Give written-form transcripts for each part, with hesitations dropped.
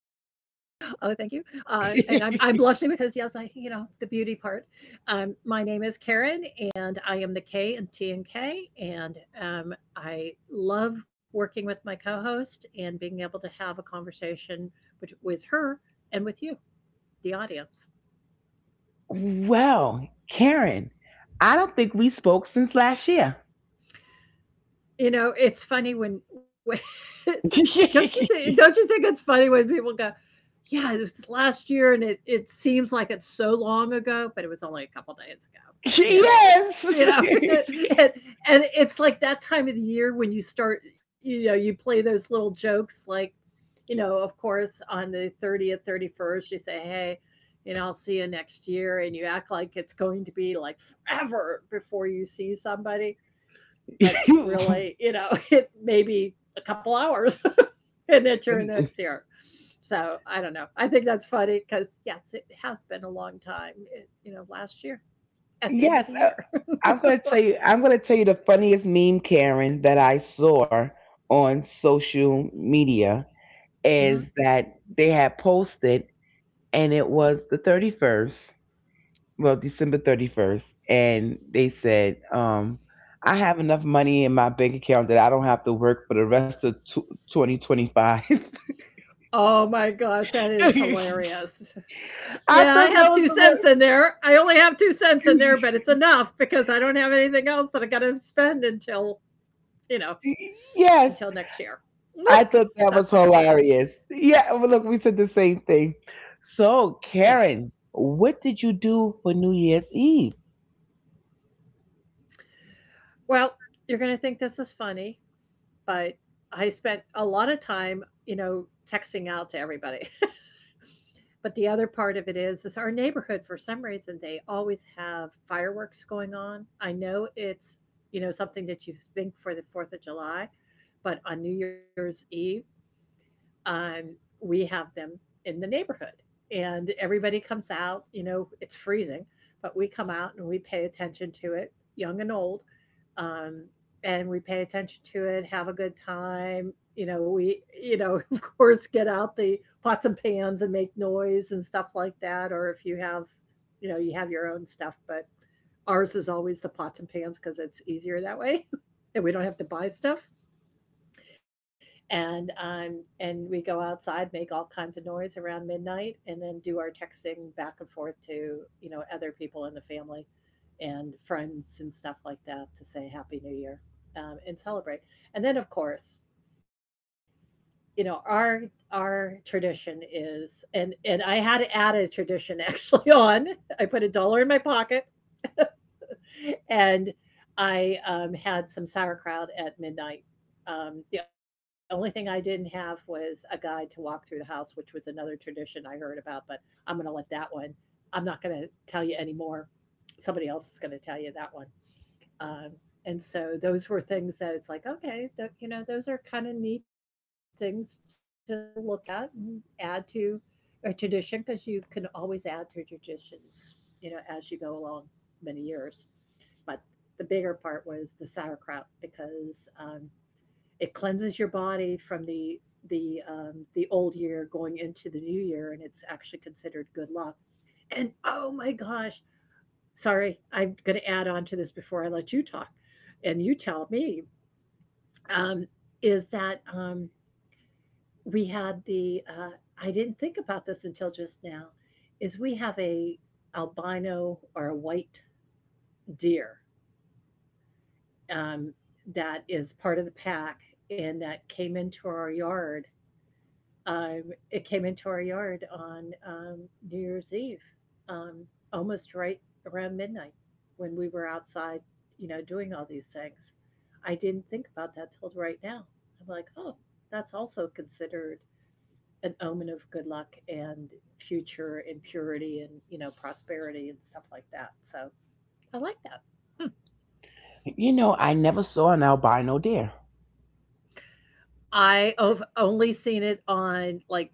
Oh, thank you. And I'm blushing because yes, I the beauty part. My name is Karen, and I am the K and T and K, and I love working with my co-host and being able to have a conversation with her and with you, the audience. Karen, I don't think we spoke since last year. You know, it's funny when it's, don't you think don't you think it's funny when people go, yeah, it was last year, and it seems like it's so long ago, but it was only a couple days ago. You know, Yes. you know and, and it's like that time of the year when you start, you know, you play those little jokes like, you know, of course on the 30th, 31st, you say, hey, you know, I'll see you next year, and you act like it's going to be like forever before you see somebody, but really, you know, it may be a couple hours and then you're in the next year. So I don't know, I think that's funny because yes, it has been a long time, it, last year at the end of Yes, the year. I'm gonna tell you the funniest meme, Karen, that I saw on social media Mhm. is that they had posted, and it was the 31st, well, December 31st, and they said, "I have enough money in my bank account that I don't have to work for the rest of tw 2025." Oh my gosh, that is I hilarious. thought Yeah, I that have was 2 cents the in there. I only have 2 cents in there, most. but it's enough because I don't have anything else that I got to spend until, you know, Yes, until next year. I thought that was That's hilarious. hilarious. Yeah, well, look, we said the same thing. So, Yeah. Karen, what did you do for New Year's Eve? Well, you're going to think this is funny, but I spent a lot of time, you know, texting out to everybody. But the other part of it is our neighborhood, for some reason, they always have fireworks going on. I know it's, you know, something that you think for the 4th of July, but on New Year's Eve, um, we have them in the neighborhood. And everybody comes out, you know, it's freezing, but we come out and we pay attention to it, young and old. Um, and we pay attention to it, have a good time. You know, we, you know, of course, get out the pots and pans and make noise and stuff like that. Or if you have, you know, you have your own stuff, but ours is always the pots and pans because it's easier that way, and we don't have to buy stuff. And and we go outside, make all kinds of noise around midnight, and then do our texting back and forth to, you know, other people in the family and friends and stuff like that to say happy new year, and celebrate. And then, of course, you know, our tradition is, and I had to add a tradition actually on, I put a dollar in my pocket and I had some sauerkraut at midnight. The only thing I didn't have was a guide to walk through the house, which was another tradition I heard about, but I'm going to let that one, I'm not going to tell you anymore. Somebody else is going to tell you that one. Um, and so those were things that it's like, okay, you know, those are kind of neat things to look at and add to a tradition because you can always add to traditions, you know, as you go along many years. But the bigger part was the sauerkraut because it cleanses your body from the the old year going into the new year, and it's actually considered good luck. And oh my gosh, sorry, I'm going to add on to this before I let you talk and you tell me, um, is that we had the, I didn't think about this until just now, is we have a albino or a white deer um, that is part of the pack and that came into our yard. It came into our yard on New Year's Eve, um, almost right around midnight when we were outside, you know, doing all these things. I didn't think about that till right now. I'm like, oh, that's also considered an omen of good luck and future and purity and, you know, prosperity and stuff like that. So I like that. You know, I never saw an albino deer. I have only seen it on, like,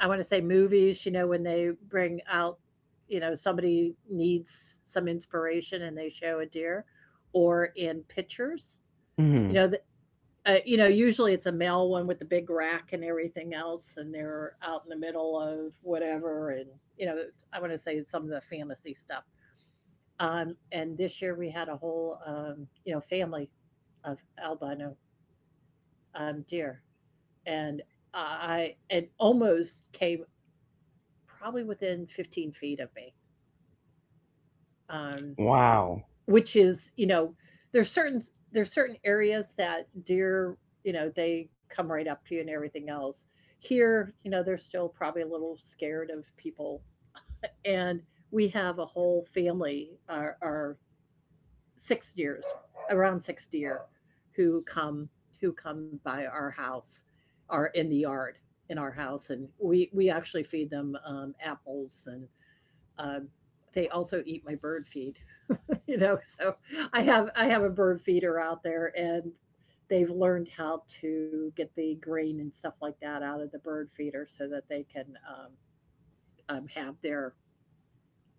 I wanna say movies, you know, when they bring out, you know, somebody needs some inspiration and they show a deer, or in pictures. You know, Hmm. the you know, usually it's a male one with the big rack and everything else, and they're out in the middle of whatever, and, you know, it's I wanna say it's some of the fantasy stuff. And this year we had a whole, you know, family of albino, deer, and I it almost came probably within 15 feet of me, um, Wow. which is, you know, there's certain there's certain areas that deer, you know, they come right up to you and everything else. Here, you know, they're still probably a little scared of people, and we have a whole family. Our 6 years, around six deer, who come who come by our house, are in the yard in our house, and we actually feed them apples, and um, they also eat my bird feed. You know, so I have a bird feeder out there, and they've learned how to get the grain and stuff like that out of the bird feeder so that they can have their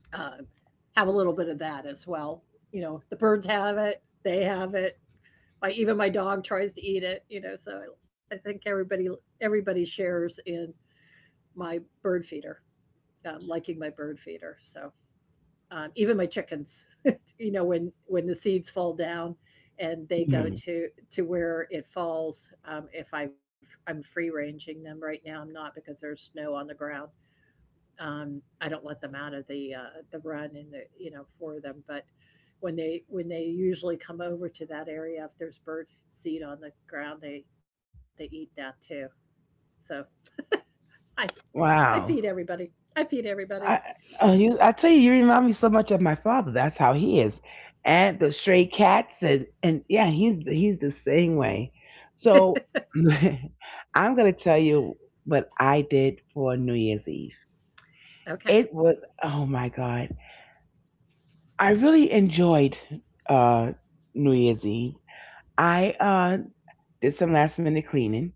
um, have a little bit of that as well. You know, the birds have it, they have it, my even my dog tries to eat it, you know. So I think everybody, everybody shares in my bird feeder, liking my bird feeder. So even my chickens you know, when the seeds fall down and they go Mhm. To where it falls. If I'm free ranging them, right now I'm not because there's snow on the ground. I don't let them out of the run and the, you know, for them, but when they usually come over to that area, if there's bird seed on the ground, they eat that too. So I I feed Wow. everybody. I feed everybody. I, I tell you, you remind me so much of my father. That's how he is. And the stray cats, and yeah, he's the same way. So, I'm gonna tell you what I did for New Year's Eve. Okay. It was, oh my God. I really enjoyed uh, New Year's Eve. I did some last minute cleaning.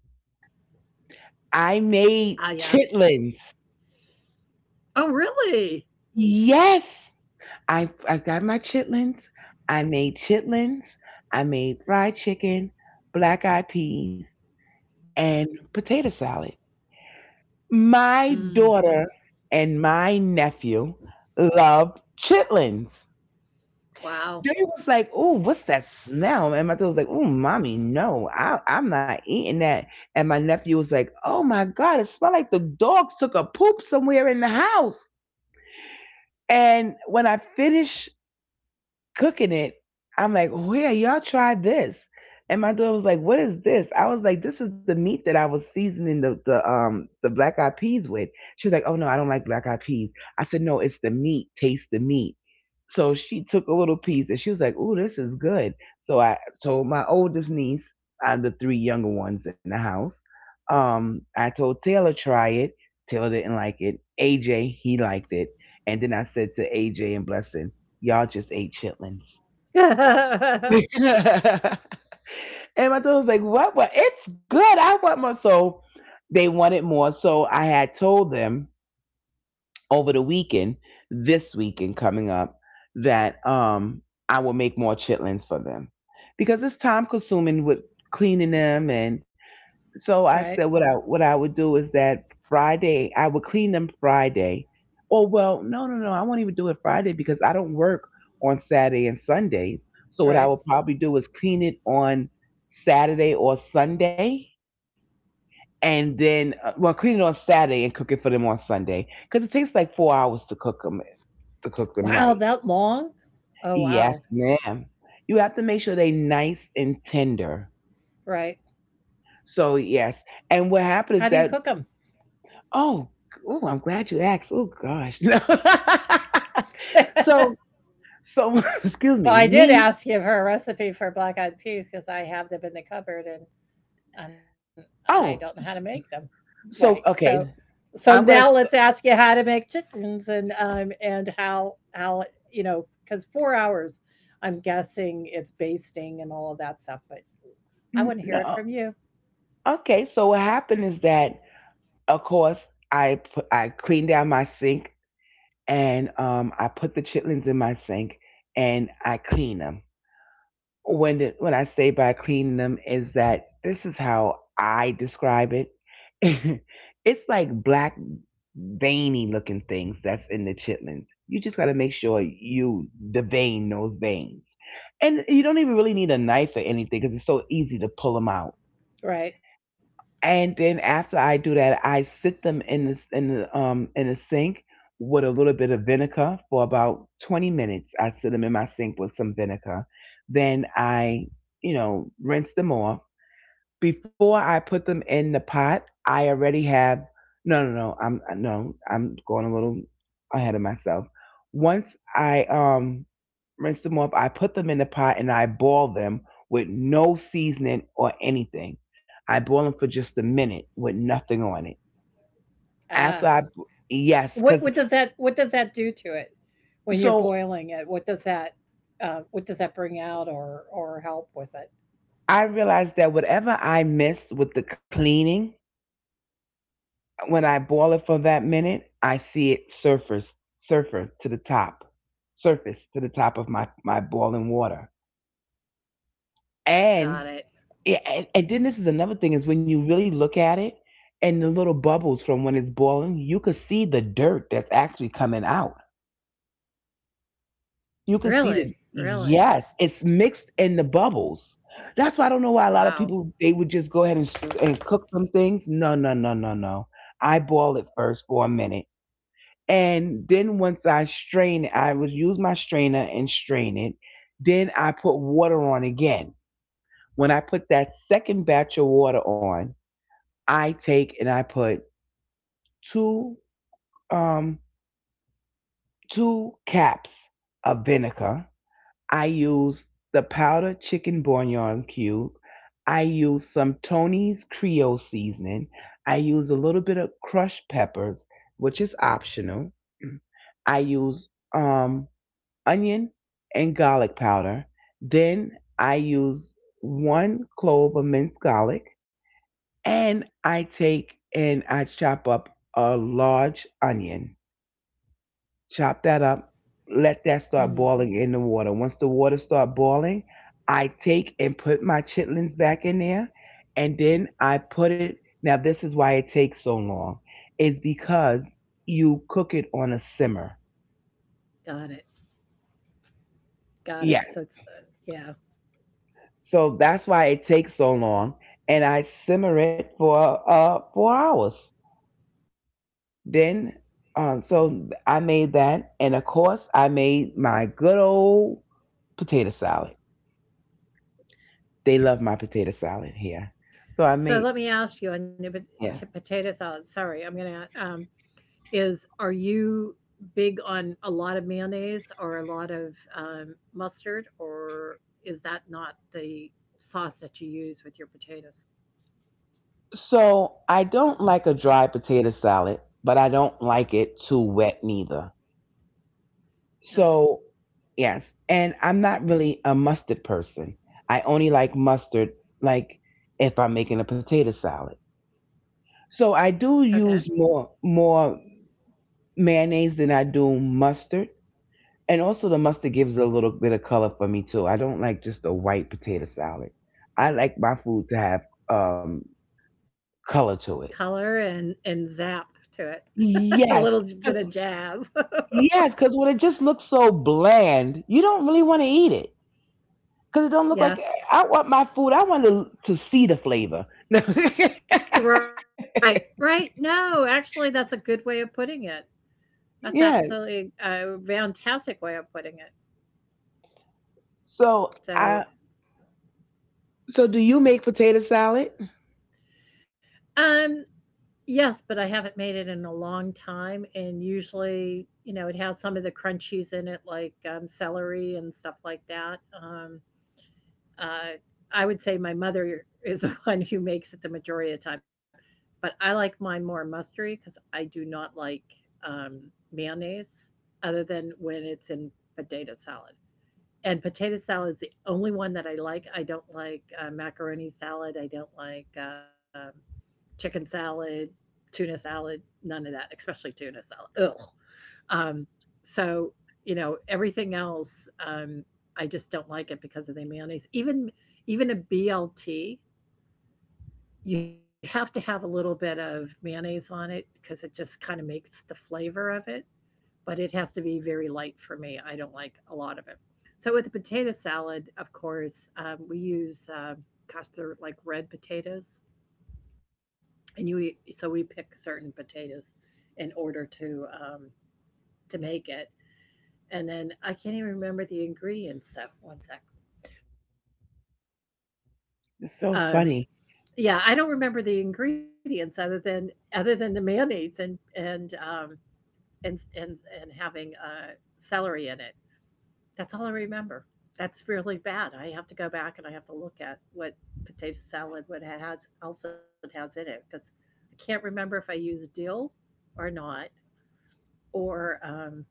Ah, I yeah. made chitlins. Oh, really? Yes, I got my chitlins. I made chitlins. I made fried chicken, black eyed peas, and potato salad. My Mm, daughter and my nephew love chitlins. wow. They was like, "Oh, what's that smell?" And my daughter was like, "Oh, mommy, no, I'm not eating that." And my nephew was like, "Oh my god, it smelled like the dogs took a poop somewhere in the house." And when I finished cooking it. I'm like, oh, "Yeah, y'all tried this? And my daughter was like, what is this? I was like, this is the meat that I was seasoning the the black eyed peas with. She was like, oh no, I don't like black eyed peas. I said, no, it's the meat. Taste the meat. So she took a little piece and she was like, oh, this is good. So I told my oldest niece, I'm the three younger ones in the house. I told Taylor try it. Taylor didn't like it. AJ, he liked it. And then I said to AJ and Blessing, y'all just ate chitlins. And my daughter was like, what? What? It's good. I want more. So they wanted more. So I had told them over the weekend, this weekend coming up, that I will make more chitlins for them. Because it's time consuming with cleaning them. And Right. so I said what I would do is that Friday I would clean them Friday. Oh well, I won't even do it Friday because I don't work on Saturday and Sundays. So what I Right. will probably do is clean it on Saturday or Sunday, and then well clean it on Saturday and cook it for them on Sunday because it takes like 4 hours to cook them Wow. right. That long? Oh, Yes, wow. ma'am. You have to make sure they nice and tender. Right. So yes, and How what do you cook happened is them? that oh, oh, I'm glad you asked. Oh gosh. No. so, so excuse Well, I me. did Me. ask you for a recipe for black eyed peas because I have them in the cupboard and I don't know how to Oh, make s- them. Right. so So, okay. so now I'm gonna. let's s- ask you how to make chickens and how, you know, because 4 hours, I'm guessing it's basting and all of that stuff. But I want to No. hear it from you. Okay. So what happened is that, of course, I cleaned down my sink and I put the chitlins in my sink and I clean them. When I say by cleaning them is that this is how I describe it. It's like black veiny looking things that's in the chitlins. You just got to make sure you devein those veins, and you don't even really need a knife or anything because it's so easy to pull them out. Right. And then after I do that, I sit them in the sink with a little bit of vinegar for about 20 minutes. I sit them in my sink with some vinegar. Then I, you know, rinse them off before I put them in the pot, I already have no. I'm no, I'm going a little ahead of myself. Once I rinse them off, I put them in the pot and I boil them with no seasoning or anything. I boil them for just a minute with nothing on it. Uh, After I Yes, what cuz what does that do to it when you're so boiling it? What does that bring out or help with it? I realized that whatever I missed with the cleaning, when I boil it for that minute, I see it surfer to the top, surface to the top of my boiling water. Got And, it. yeah, and then this is another thing is when you really look at it and the little bubbles from when it's boiling, you could see the dirt that's actually coming out. You could see the, Really? Really? yes, it's mixed in the bubbles. That's why I don't know why a lot of Wow. people they would just go ahead and cook some things. No, no, no, no, no. I boil it first for a minute. And then once I strain it, I would use my strainer and strain it. Then I put water on again. When I put that second batch of water on, I take and I put two um two caps of vinegar. I use the powdered chicken bouillon cube. I use some Tony's Creole seasoning. I use a little bit of crushed peppers, which is optional. I use um onion and garlic powder. Then I use one clove of minced garlic and I take and I chop up a large onion. Chop that up. Let that start Mm, boiling in the water. Once the water start boiling, I take and put my chitlins back in there and then I put it now this is why it takes so long. Is because you cook it on a simmer. got it. Got Yeah. it. So it's yeah. So that's why it takes so long. And I simmer it for 4 hours. Then so I made that and of course I made my good old potato salad. They love my potato salad here. So I So let me made ask you on the yeah. potato salad. Sorry, I'm gonna. Is are you big on a lot of mayonnaise or a lot of mustard, or is that not the sauce that you use with your potatoes? So I don't like a dry potato salad, but I don't like it too wet neither. Got it. So yes, and I'm not really a mustard person. I only like mustard like if I'm making a potato salad. So I do Okay. use more mayonnaise than I do mustard. And also the mustard gives a little bit of color for me too. I don't like just a white potato salad. I like my food to have um color to it. Color and zap to it. a little Yes, j- bit of cuz jazz. yes, cuz when it just looks so bland, you don't really want to eat it. Cuz it don't look Yeah. like I want my food. I want to see the flavor. You're right. Right. No, actually, that's a good way of putting it. That's Yeah. absolutely a fantastic way of putting it. So I So, so do you make potato salad? um, yes, but I haven't made it in a long time. And usually, you know, it has some of the crunchies in it, like celery and stuff like that. Uh, I would say my mother is the one who makes it the majority of the time, but I like mine more mustardy because I do not like um, mayonnaise other than when it's in potato salad. And potato salad is the only one that I like. I don't like macaroni salad. I don't like chicken salad, tuna salad, none of that, especially tuna salad. Ugh. Um, so, you know, everything else, I just don't like it because of the mayonnaise. Even even a BLT, you have to have a little bit of mayonnaise on it because it just kind of makes the flavor of it, but it has to be very light for me. I don't like a lot of it. So with the potato salad, of course, we use, gosh, they're like red potatoes, and you so we pick certain potatoes in order to make it. And then I can't even remember the ingredients. Of, one sec. It's so Um, funny. yeah, I don't remember the ingredients other than the mayonnaise and having celery in it. That's all I remember. That's really bad. I have to go back and I have to look at what potato salad what it has else it has in it because I can't remember if I used dill or not or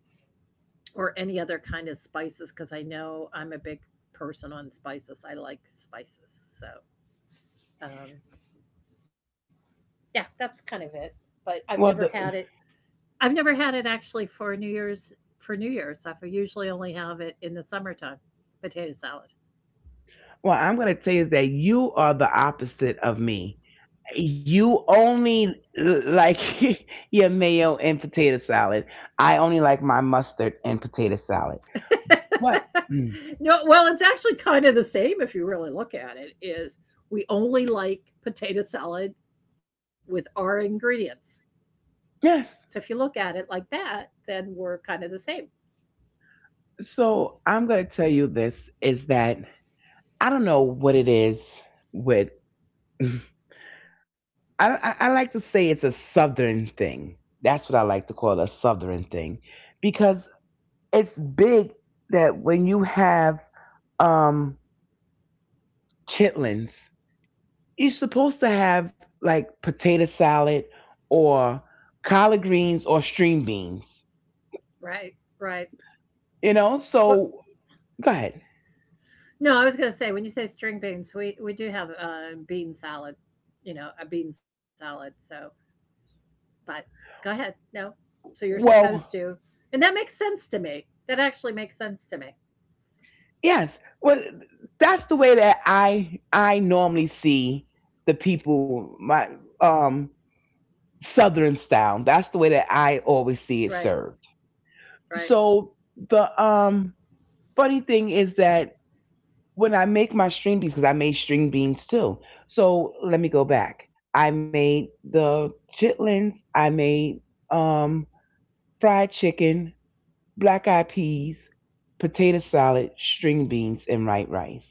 or any other kind of spices because I know I'm a big person on spices. I like spices, so, um, yeah, that's kind of it, but I've never Well, had it the I've never had it actually for New Year's for New Year's. I usually only have it in the summertime, potato salad. Well, I'm going to tell you is that you are the opposite of me. You only like your mayo and potato salad. I only like my mustard and potato salad. But mm, No, well, it's actually kind of the same if you really look at it, is we only like potato salad with our ingredients. So yes, if you look at it like that, then we're kind of the same. so I'm going to tell you this is that I don't know what it is with. I, I like to say it's a southern thing. That's what I like to call a southern thing, because it's big that when you have um chitlins you're supposed to have like potato salad or collard greens or string beans. Right, right. You know, Well, so go ahead. no, I was going to say when you say string beans, we do have a bean salad, you know, a bean salad. So, but go ahead. No, so you're supposed Well, to, and that makes sense to me. That actually makes sense to me. yes. Well, that's the way that I normally see the people my um southern style. That's the way that I always see Right, it served. right. So the funny thing is that when I make my string beans, because I made string beans too. So let me go back. I made the chitlins. I made um, fried chicken, black eyed peas, potato salad, string beans, and white rice.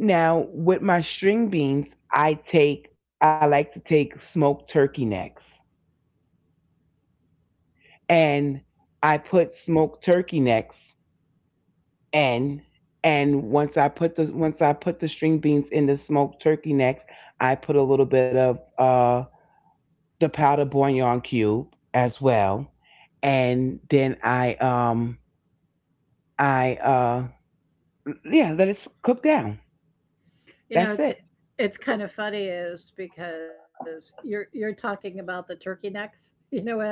Now with my string beans, I like to take smoked turkey necks and I put smoked turkey necks and and once I put the string beans in the smoked turkey necks, I put a little bit of the powdered bouillon cube as well, and then I yeah let it cook down. You know, That's it. it's kind of funny is because you're talking about the turkey necks. You know what I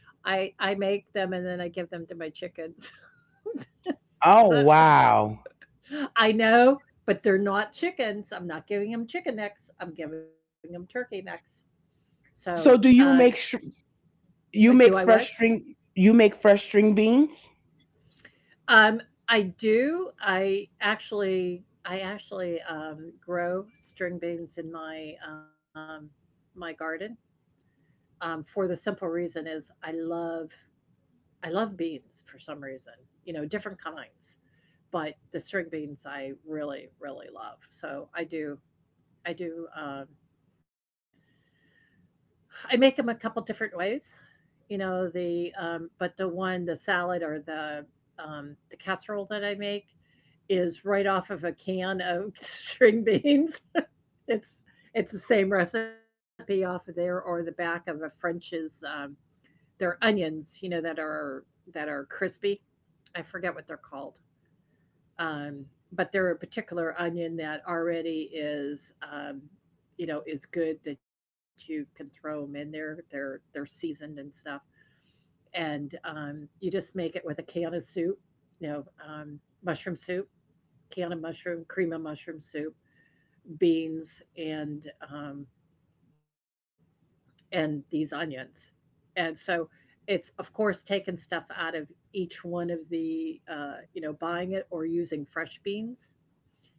I I make them and then I give them to my chickens. Oh So wow! I know, but they're not chickens. I'm not giving them chicken necks. I'm giving them turkey necks. So, So do um, you make str- You do I make what? fresh string you make fresh string beans? Um, I do. I actually grow string beans in my my garden for the simple reason is I love beans for some reason. You know, different kinds, but the string beans I really really love. So I do, I make them a couple different ways, you know, but the salad or the casserole that I make is right off of a can of string beans. It's it's the same recipe off of there or the back of a French's, are onions, you know, that are crispy. I forget what they're called. Um, but they're a particular onion that already is, you know, is good that you can throw them in there. They're seasoned and stuff, and you just make it with a can of soup, you know, mushroom soup, can of mushroom, cream of mushroom soup, beans, and these onions. And so it's of course taking stuff out of each one of the you know buying it or using fresh beans.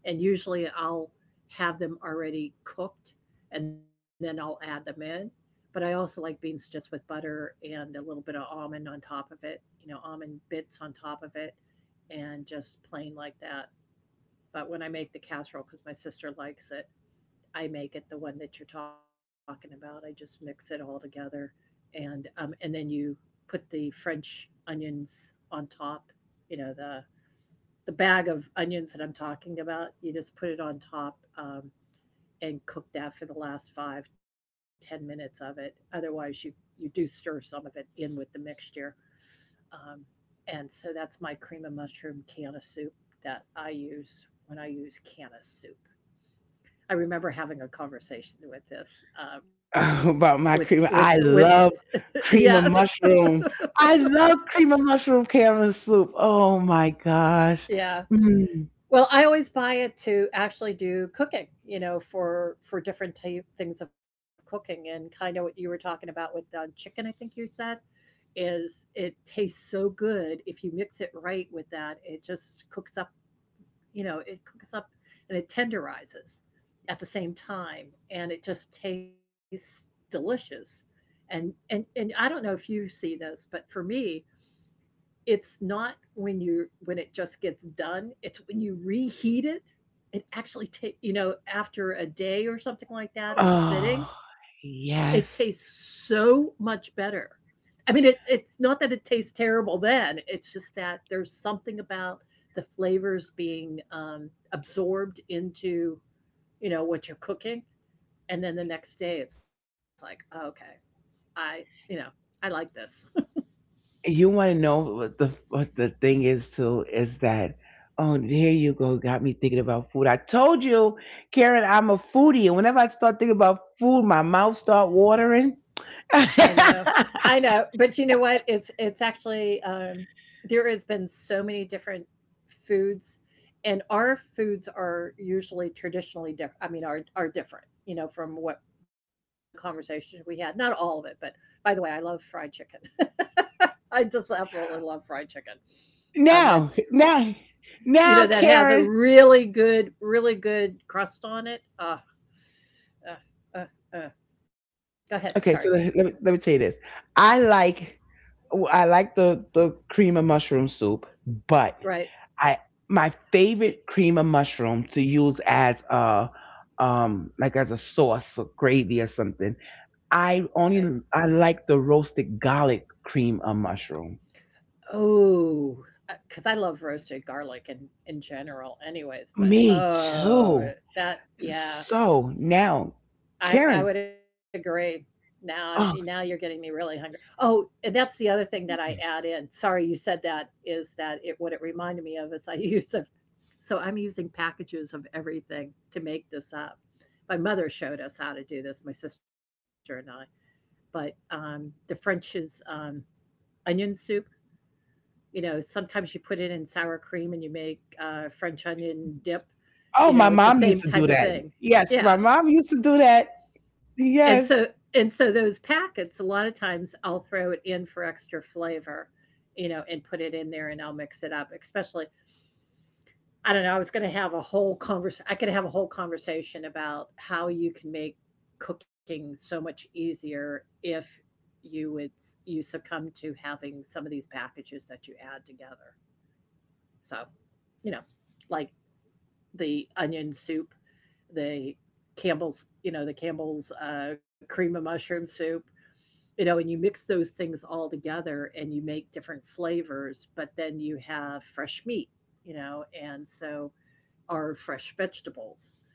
And usually I'll have them already cooked and then I'll add them in. But I also like beans just with butter and a little bit of almond on top of it, you know, almond bits on top of it and just plain like that. But when I make the casserole, because my sister likes it, I make it the one that you're talking about. I just mix it all together and then you put the French onions on top. You know the bag of onions that I'm talking about. You just put it on top, and cook that for the last five, 10 minutes of it. Otherwise, you do stir some of it in with the mixture. Um, and so that's my cream of mushroom can of soup that I use when I use can of soup. I remember having a conversation with this, About my cream. with I love yes, cream of mushroom. I love cream of mushroom caramel soup. Oh my gosh. yeah. Mm. Well, I always buy it to actually do cooking, you know, for different type things of cooking and kind of what you were talking about with chicken. I think you said is it tastes so good if you mix it right with that. It just cooks up, you know, it cooks up and it tenderizes at the same time and it just tastes delicious. And I don't know if you see this, but for me, it's not when you when it just gets done, it's when you reheat it. It actually you know, after a day or something like that of Oh sitting, it tastes yes. so much better. I mean, it, it's not that it tastes terrible then. It's just that there's something about the flavors being absorbed into, you know, what you're cooking. And then the next day it's like, "Oh, okay, I, you know, I like this." You want to know what the thing is too is that oh here you go got me thinking about food. I told you, Karen, I'm a foodie, and whenever I start thinking about food, my mouth start watering. I know. I know. But you know what? It's actually there has been so many different foods and our foods are usually traditionally different. I mean are different, you know, from what the conversation we had. Not all of it, but by the way, I love fried chicken. I just absolutely love fried chicken. That's Now, now, you now, know that has a Karen. really good really good crust on it. Uh, uh, uh. Go ahead. Sorry. Okay, so let me tell you this. I like I like the cream of mushroom soup, but Right. I, my favorite cream of mushroom to use as a like as a sauce or gravy or something. Right. I like the roasted garlic cream of mushroom. Oh, because I love roasted garlic in general anyways, but, Me oh, too. that yeah, So now, I would Karen, agree. Now you're oh, getting me really hungry. Oh, and that's the other thing that I add in, sorry you said that, is that it what it reminded me of is I use a so I'm using packages of everything to make this up. My mother showed us how to do this, my sister and I, but, the French's, onion soup. You know, sometimes you put it in sour cream and you make, French onion dip, oh, you my know, it's the mom used same to do type of that. thing. Yes, my Yeah, mom used to do that. and Yes. so and so those packets, a lot of times I'll throw it in for extra flavor, you know, and put it in there and I'll mix it up, especially I don't know, I could have a whole conversation about how you can make cooking so much easier if you would you succumb to having some of these packages that you add together. So, you know, like the onion soup, the Campbell's, you know, the Campbell's cream of mushroom soup, you know, and you mix those things all together and you make different flavors, but then you have fresh meat, you know, and so are fresh vegetables.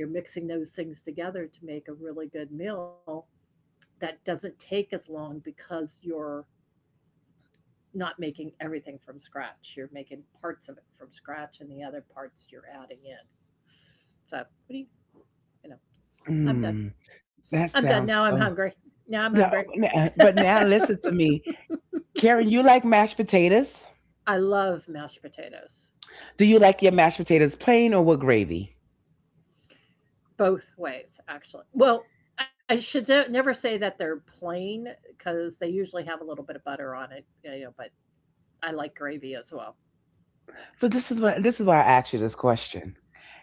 And you're mixing those things together to make a really good meal that doesn't take as long because you're not making everything from scratch. You're making parts of it from scratch and the other parts you're adding in. So what do you you know, I'm Mm, done. that I'm done. sounds Now I'm so. hungry. Now I'm No, hungry. But now listen to me. Karen, you like mashed potatoes? I love mashed potatoes Do you like your mashed potatoes plain or with gravy? both ways, actually. Well, I should never say that they're plain because they usually have a little bit of butter on it, you know, but I like gravy as well. So this is what, this is why I asked you this question.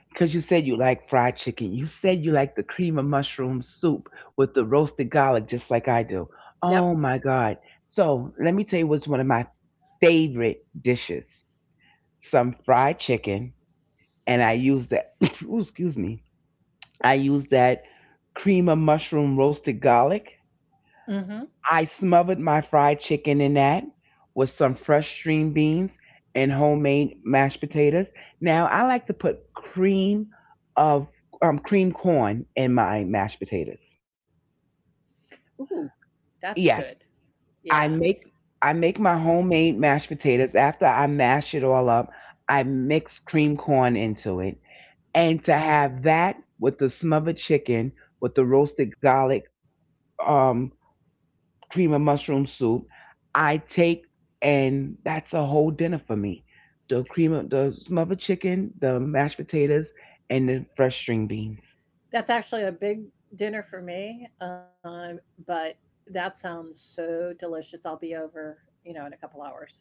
Because you said you like fried chicken. You said you like the cream of mushroom soup with the roasted garlic, just like I do. Yep. Oh my God. So let me tell you what's one of my favorite dishes, some fried chicken, and I use that. Ooh, excuse me. I use that cream of mushroom roasted garlic. Mm-hmm. I smothered my fried chicken in that with some fresh string beans and homemade mashed potatoes. Now I like to put cream of, cream corn in my mashed potatoes. Ooh, that's good. Yes, Yeah. I make I make my homemade mashed potatoes. After I mash it all up, I mix cream corn into it, and to have that with the smothered chicken with the roasted garlic, um cream of mushroom soup. I take, and that's a whole dinner for me: the cream of the smothered chicken, the mashed potatoes, and the fresh string beans. That's actually a big dinner for me, but that sounds so delicious. I'll be over, you know, in a couple hours.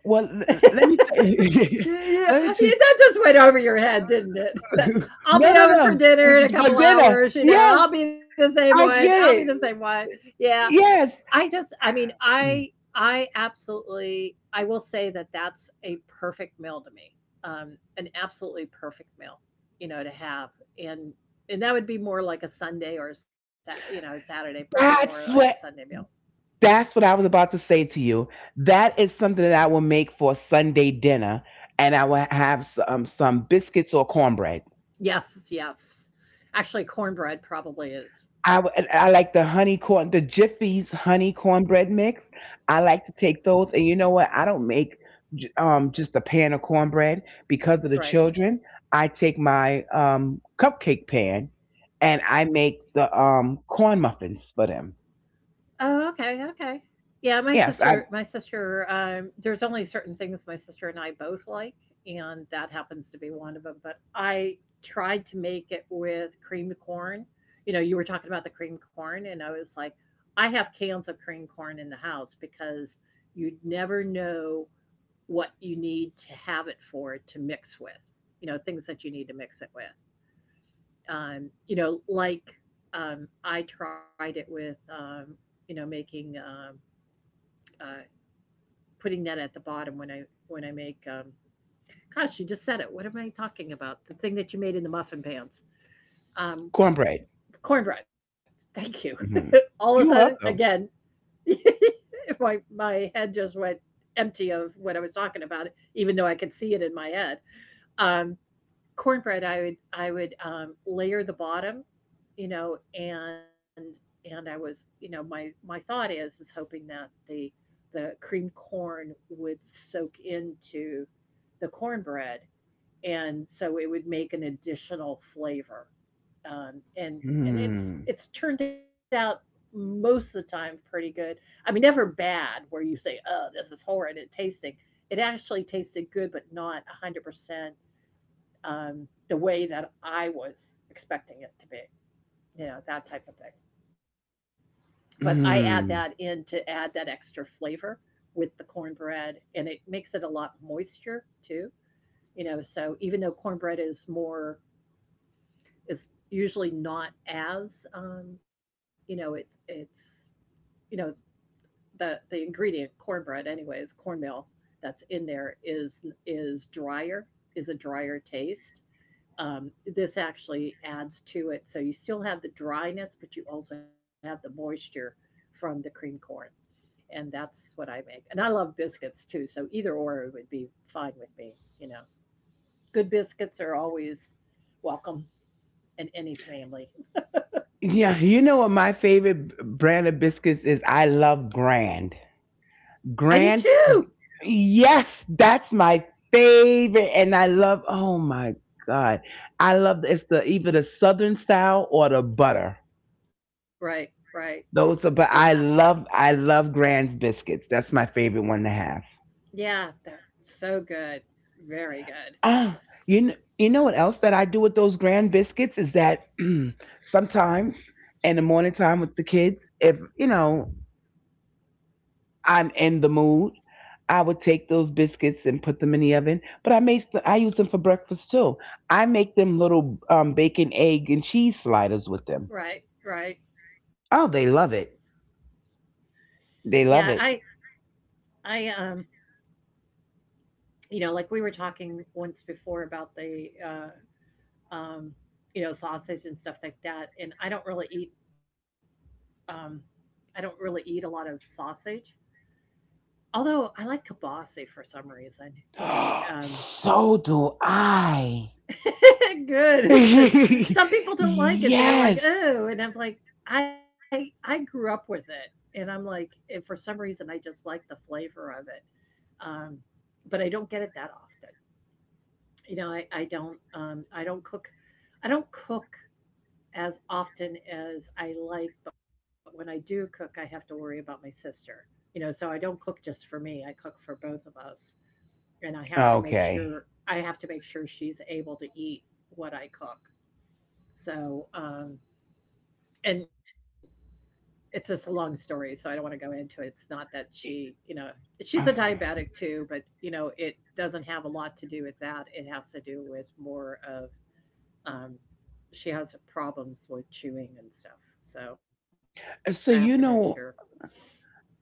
Well, let me tell you. Yeah, Let me tell yeah, that just went over your head, didn't it? That I'll be no, no, over for no, dinner in a for couple dinner, hours. You know, I'll yes, be the same one. I I'll be get the it, same one. Yeah, yes. I mean, I absolutely, I will say that that's a perfect meal to me. An absolutely perfect meal, you know, to have, and and that would be more like a Sunday or a you know, a Saturday, probably That's more like a what, Sunday meal. that's what I was about to say to you. That is something that I will make for Sunday dinner, and I will have some biscuits or cornbread. Yes, yes. Actually, cornbread probably is And I like the honey corn, the Jiffy's honey cornbread mix. I like to take those, and you know what? I don't make just a pan of cornbread because of the right. children. I take my, cupcake pan, and I make the, corn muffins for them. Oh, okay, okay. Yeah, Yes, my I, sister, there's only certain things my sister and I both like, and that happens to be one of them. But I tried to make it with creamed corn. You know, you were talking about the creamed corn, and I was like, "I have cans of creamed corn in the house because you never know what you need to have it for to mix with, you know, things that you need to mix it with." You know, like, I tried it with, you know, making, uh, putting that at the bottom when I make, gosh, you just said it. What am I talking about? The thing that you made in the muffin pans, um, cornbread. cornbread. Thank you. Hmm. All of a You're sudden, welcome. again, my head just went empty of what I was talking about, even though I could see it in my head. Um, Cornbread, I would, layer the bottom, you know, and I was you know, my thought is hoping that the creamed corn would soak into the cornbread, and so it would make an additional flavor. And Mm-hmm. it's turned out most of the time pretty good. I mean, never bad where you say, "Oh, this is horrid at tasting." It actually tasted good, but not 100% the way that I was expecting it to be, you know, that type of thing. But I add that in Mm. to add that extra flavor with the cornbread, and it makes it a lot moisture too, you know. So even though cornbread is more, is usually not as, it, it's, you know, the ingredient cornbread anyway is cornmeal that's in there is drier, is a drier taste. This actually adds to it. So you still have the dryness, but you also have the moisture from the cream corn. And that's what I make. And I love biscuits too. So either or would be fine with me. You know, good biscuits are always welcome in any family. Yeah, you know what my favorite brand of biscuits is? I love Grand. I do Grand? too. Yes, that's my favorite. And I love, oh my God. I love, it's the either the Southern style or the butter. Right, right. Those are, Yeah, but I love Grand's biscuits. That's my favorite one to have. yeah. So good. Very good. Oh, you know what else that I do with those Grand biscuits is that sometimes in the morning time with the kids, if, you know, I'm in the mood. I would take those biscuits and put them in the oven, but I make the, I use them for breakfast too. I make them little, bacon, egg, and cheese sliders with them. Right, right. Oh, they love it. Yeah, They I, love it. I, um, like we were talking once before about the um, sausage and stuff like that. And I don't really eat, um, I don't really eat a lot of sausage. Although I like kielbasa for some reason, you know, um, So do I. good because some people don't like it. They're like, Yes. oh, and I'm like, I grew up with it, and I'm like, and for some reason, I just like the flavor of it. Um, but I don't get it that often. You know, I don't cook as often as I like, but when I do cook, I have to worry about my sister. You know, so I don't cook just for me. I cook for both of us, and Okay. I have to make sure she's able to eat what I cook. So, and it's just a long story, so I don't want to go into it. It's not that she's a diabetic too, but you know, it doesn't have a lot to do with that. It has to do with more of, um, she has problems with chewing and stuff. So, I have to So make you sure. know,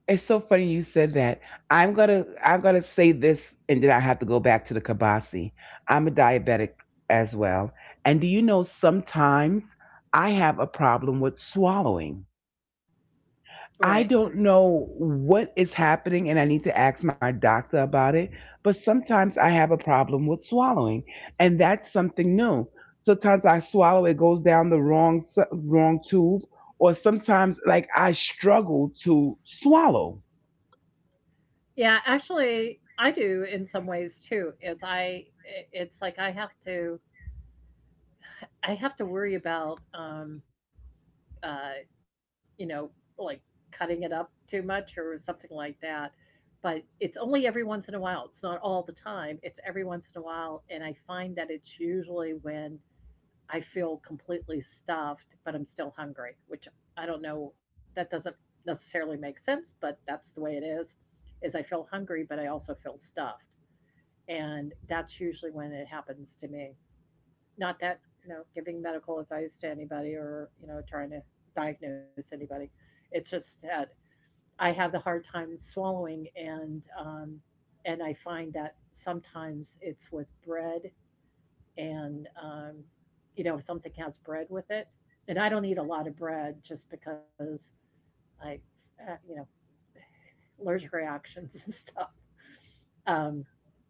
it's so funny you said that. I'm gonna say this, and then I have to go back to the kabasi. I'm a diabetic as well, and do you know sometimes I have a problem with swallowing. Right. I don't know what is happening, and I need to ask my doctor about it. But sometimes I have a problem with swallowing, and that's something new. Sometimes I swallow, it goes down the wrong wrong tube, or sometimes like I struggle to swallow. Yeah, actually I do in some ways too is it's like I have to, I have to worry about uh you know like cutting it up too much or something like that. But it's only every once in a while. It's not all the time. It's every once in a while, and I find that it's usually when I feel completely stuffed, but I'm still hungry, which I don't know, that doesn't necessarily make sense, but that's the way it is. Is I feel hungry, but I also feel stuffed. And that's usually when it happens to me. Not that, you know, giving medical advice to anybody or, you know, trying to diagnose anybody. It's just that I have the hard time swallowing, and I find that sometimes it's with bread, and you know, if something has bread with it, and I don't eat a lot of bread just because I you know allergic reactions and stuff. um,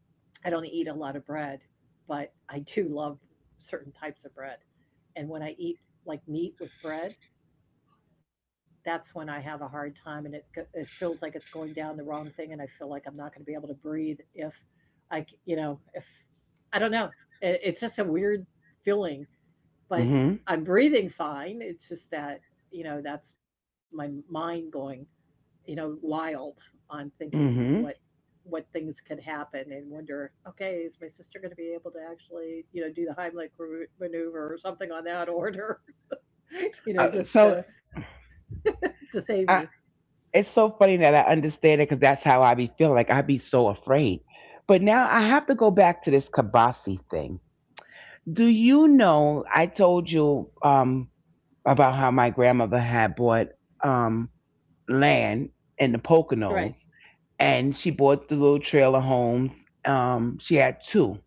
I don't eat a lot of bread, but I do love certain types of bread, and when I eat like meat with bread, that's when I have a hard time, and it feels like it's going down the wrong thing, and I feel like I'm not going to be able to breathe if I c- you know if I don't know it's just a weird feeling. But Mm-hmm. I'm breathing fine. It's just that, you know, that's my mind going, you know, wild on thinking Hmm. what things could happen, and wonder, okay, is my sister going to be able to actually, you know, do the Heimlich maneuver or something on that order, you know, just So to save me. I, it's so funny that I understand it because that's how I be feeling. Like I be so afraid. But now I have to go back to this kabasi thing. Do you know? I told you, about how my grandmother had bought, land in the Right. Poconos, and she bought the little trailer homes. She had two.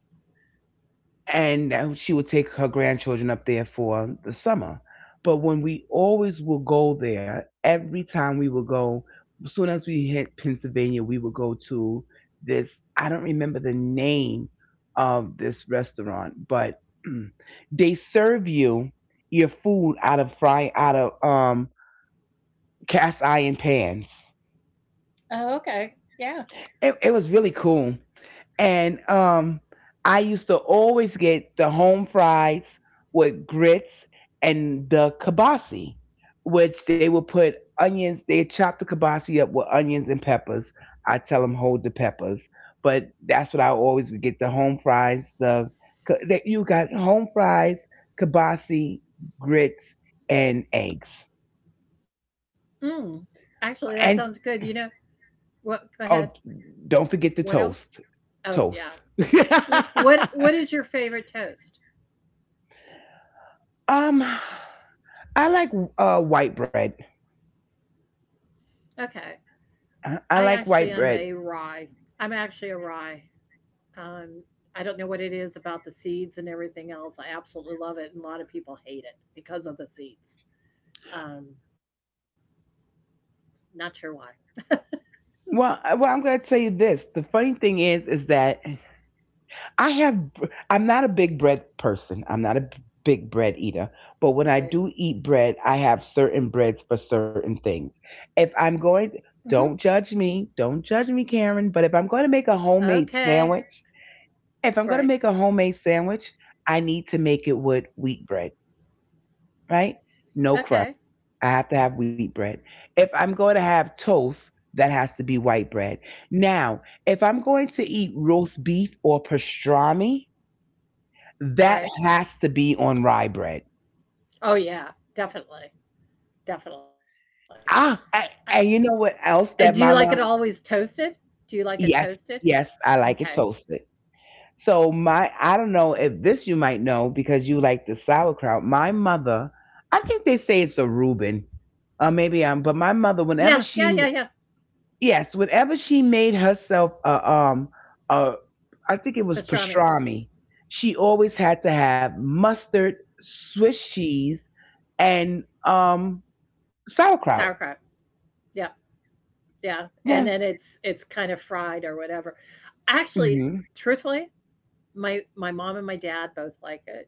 And she would take her grandchildren up there for the summer. But when we always would go there, every time we would go, as soon as we hit Pennsylvania, we would go to this. I don't remember the name of this restaurant, but they serve you your food out of fry out of cast iron pans. Oh, okay. Yeah. It was really cool. And I used to always get the home fries with grits and the kibasi, which they would put onions. They chop the kibasi up with onions and peppers. I tell them hold the peppers, but that's what I always would get, the home fries. The, that you got home fries, kibasi, grits, and eggs, Mm. Actually, that sounds good. You and know, what go ahead. oh, don't forget the What else? toast. Oh, yeah. Toast. What is your favorite toast? um, I like white bread. Okay. I I actually like am a white bread. rye. I'm actually a rye. Um, I don't know what it is about the seeds and everything else. I absolutely love it, and a lot of people hate it because of the seeds. Um, Not sure why, Well, well, I'm going to tell you this. The funny thing is that I have, I'm not a big bread person. I'm not a big bread eater. But when I right? do eat bread, I have certain breads for certain things. If I'm going, Hmm. don't judge me. Don't judge me, Karen. But if I'm going to make a homemade Okay, sandwich, if right. I'm going to make a homemade sandwich, I need to make it with wheat bread, right? No crust. Okay, I have to have wheat bread. If I'm going to have toast, that has to be white bread. Now, if I'm going to eat roast beef or pastrami, right. that has to be on rye bread. Oh yeah, definitely, definitely. I, Ah, and you know and what do you like else it that always mama? toasted? Do you like it toasted? Yes, yes, I Okay. like it toasted. So my, I don't know if this you might know because you like the sauerkraut. My mother, I think they say it's a Reuben, maybe I'm, but my Yeah, mother, yeah, yeah, whenever yeah. she, yes, whatever she made herself a uh, I think it was Pastrami, pastrami, she always had to have mustard, Swiss cheese, and sauerkraut. sauerkraut. Yeah. Yeah, and then it's Yes. it's kind of fried or whatever. Actually, Mhm. truthfully, my mom and my dad both like it.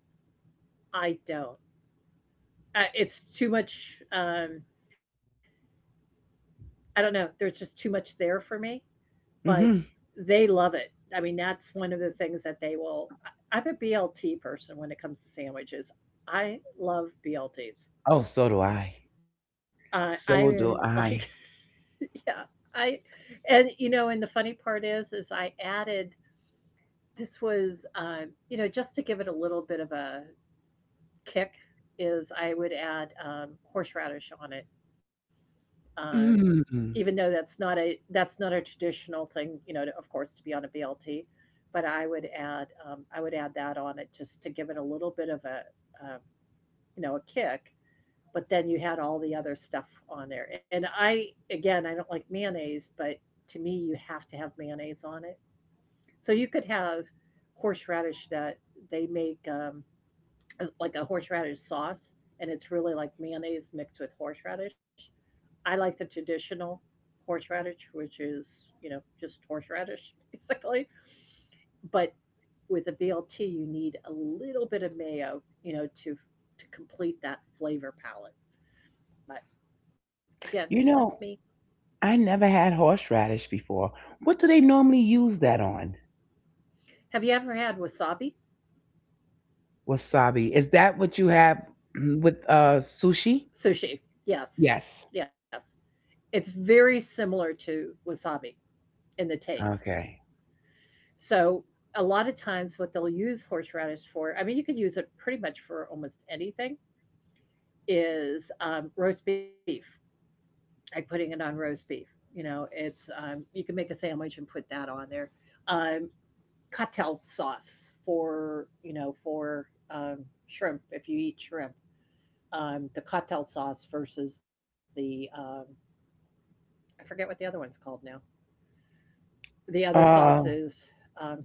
I don't. It's too much. I don't know. There's just too much there for me, but Mhm. they love it. I mean, that's one of the things that they will. I'm a BLT person when it comes to sandwiches. I love BLTs. Oh, so do I. I am So like, do I. yeah, I, and you know, and the funny part is I added this was, you know, just to give it a little bit of a kick, is I would add horseradish on it. Um, Even though Mm. That's not a traditional thing, you know, to, of course, to be on a BLT, but I would add that on it just to give it a little bit of a uh, you know, a kick. But then you had all the other stuff on there, and I again I don't like mayonnaise, but to me you have to have mayonnaise on it, so you could have horseradish that they make, like a horseradish sauce, and it's really like mayonnaise mixed with horseradish. I like the traditional horseradish, which is, you know, just horseradish basically. But with a BLT, you need a little bit of mayo, you know, to complete that flavor palette. But again, that's me. You know, I never had horseradish before. What do they normally use that on? Have you ever had wasabi Wasabi. Is that what you have with sushi? sushi? Yes, Yes. yes. It's very similar to wasabi in the taste. Okay. So a lot of times what they'll use horseradish for, I mean, you could use it pretty much for almost anything, is roast beef, like putting it on roast beef. You know, it's, you can make a sandwich and put that on there. Um, Cocktail sauce for, you know, for shrimp, if you eat shrimp. The cocktail sauce versus I forget what the other one's called now. The other sauce Uh, is, um,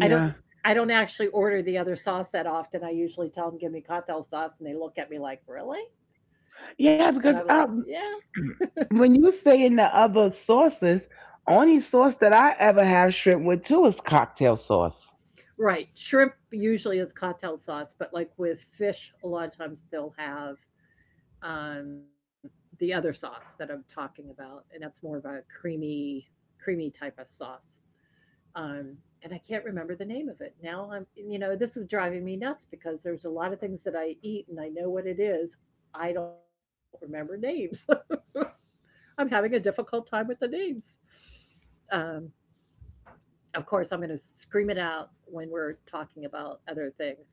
I don't, I don't actually order the other sauce that often. I usually tell them give me cocktail sauce and they look at me like, "Really?" And I'm Yeah, like, because "Yeah." When you say in the other sauces, only sauce that I ever have shrimp with too is cocktail sauce. Right. Shrimp usually is cocktail sauce, but like with fish a lot of times they'll have um the other sauce that I'm talking about, and that's more of a creamy type of sauce. Um and I can't remember the name of it. Now I'm you know, this is driving me nuts because there's a lot of things that I eat and I know what it is. I don't remember names. I'm having a difficult time with the names. Um, of course, I'm going to scream it out when we're talking about other things.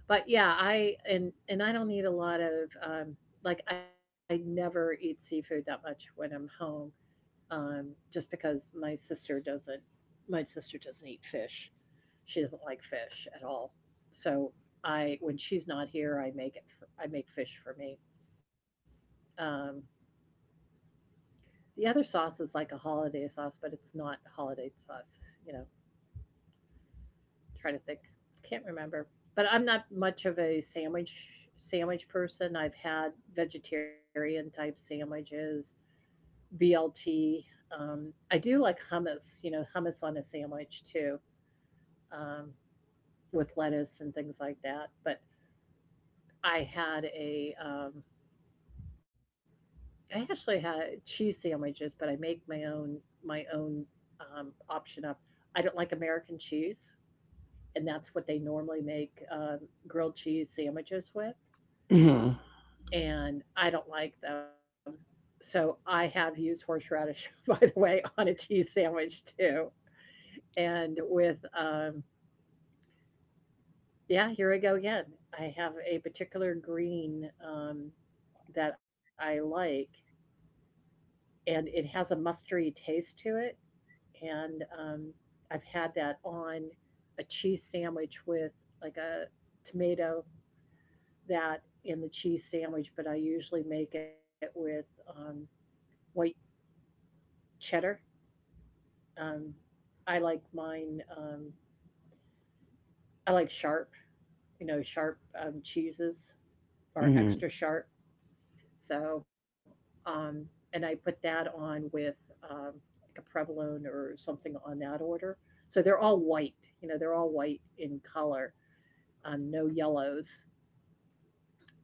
But yeah, I and I don't need a lot of, like I never eat seafood that much when I'm home, just because my sister doesn't. My sister doesn't eat fish. She doesn't like fish at all. So I when she's not here, I make it. For, I make fish for me. Um, the other sauce is like a holiday sauce, but it's not holiday sauce. You know, trying to think. Can't remember. But I'm not much of a sandwich sandwich person. I've had vegetarian type sandwiches, BLT. I do like hummus, you know, hummus on a sandwich too, um, with lettuce and things like that. But I had a, I actually had cheese sandwiches, but I make my own option up. I don't like American cheese, and that's what they normally make grilled cheese sandwiches with. Mm, And I don't like them. So I have used horseradish, by the way, on a cheese sandwich too. And with, yeah, here I go again. I have a particular green that I like, and it has a mustardy taste to it. And I've had that on a cheese sandwich with like a tomato that in the cheese sandwich, but I usually make it with white cheddar. Um, I like mine. I like sharp. You know, sharp cheeses or mm, extra sharp. So, um, and I put that on with, um, like a provolone or something on that order. So they're all white. You know, they're all white in color. No yellows.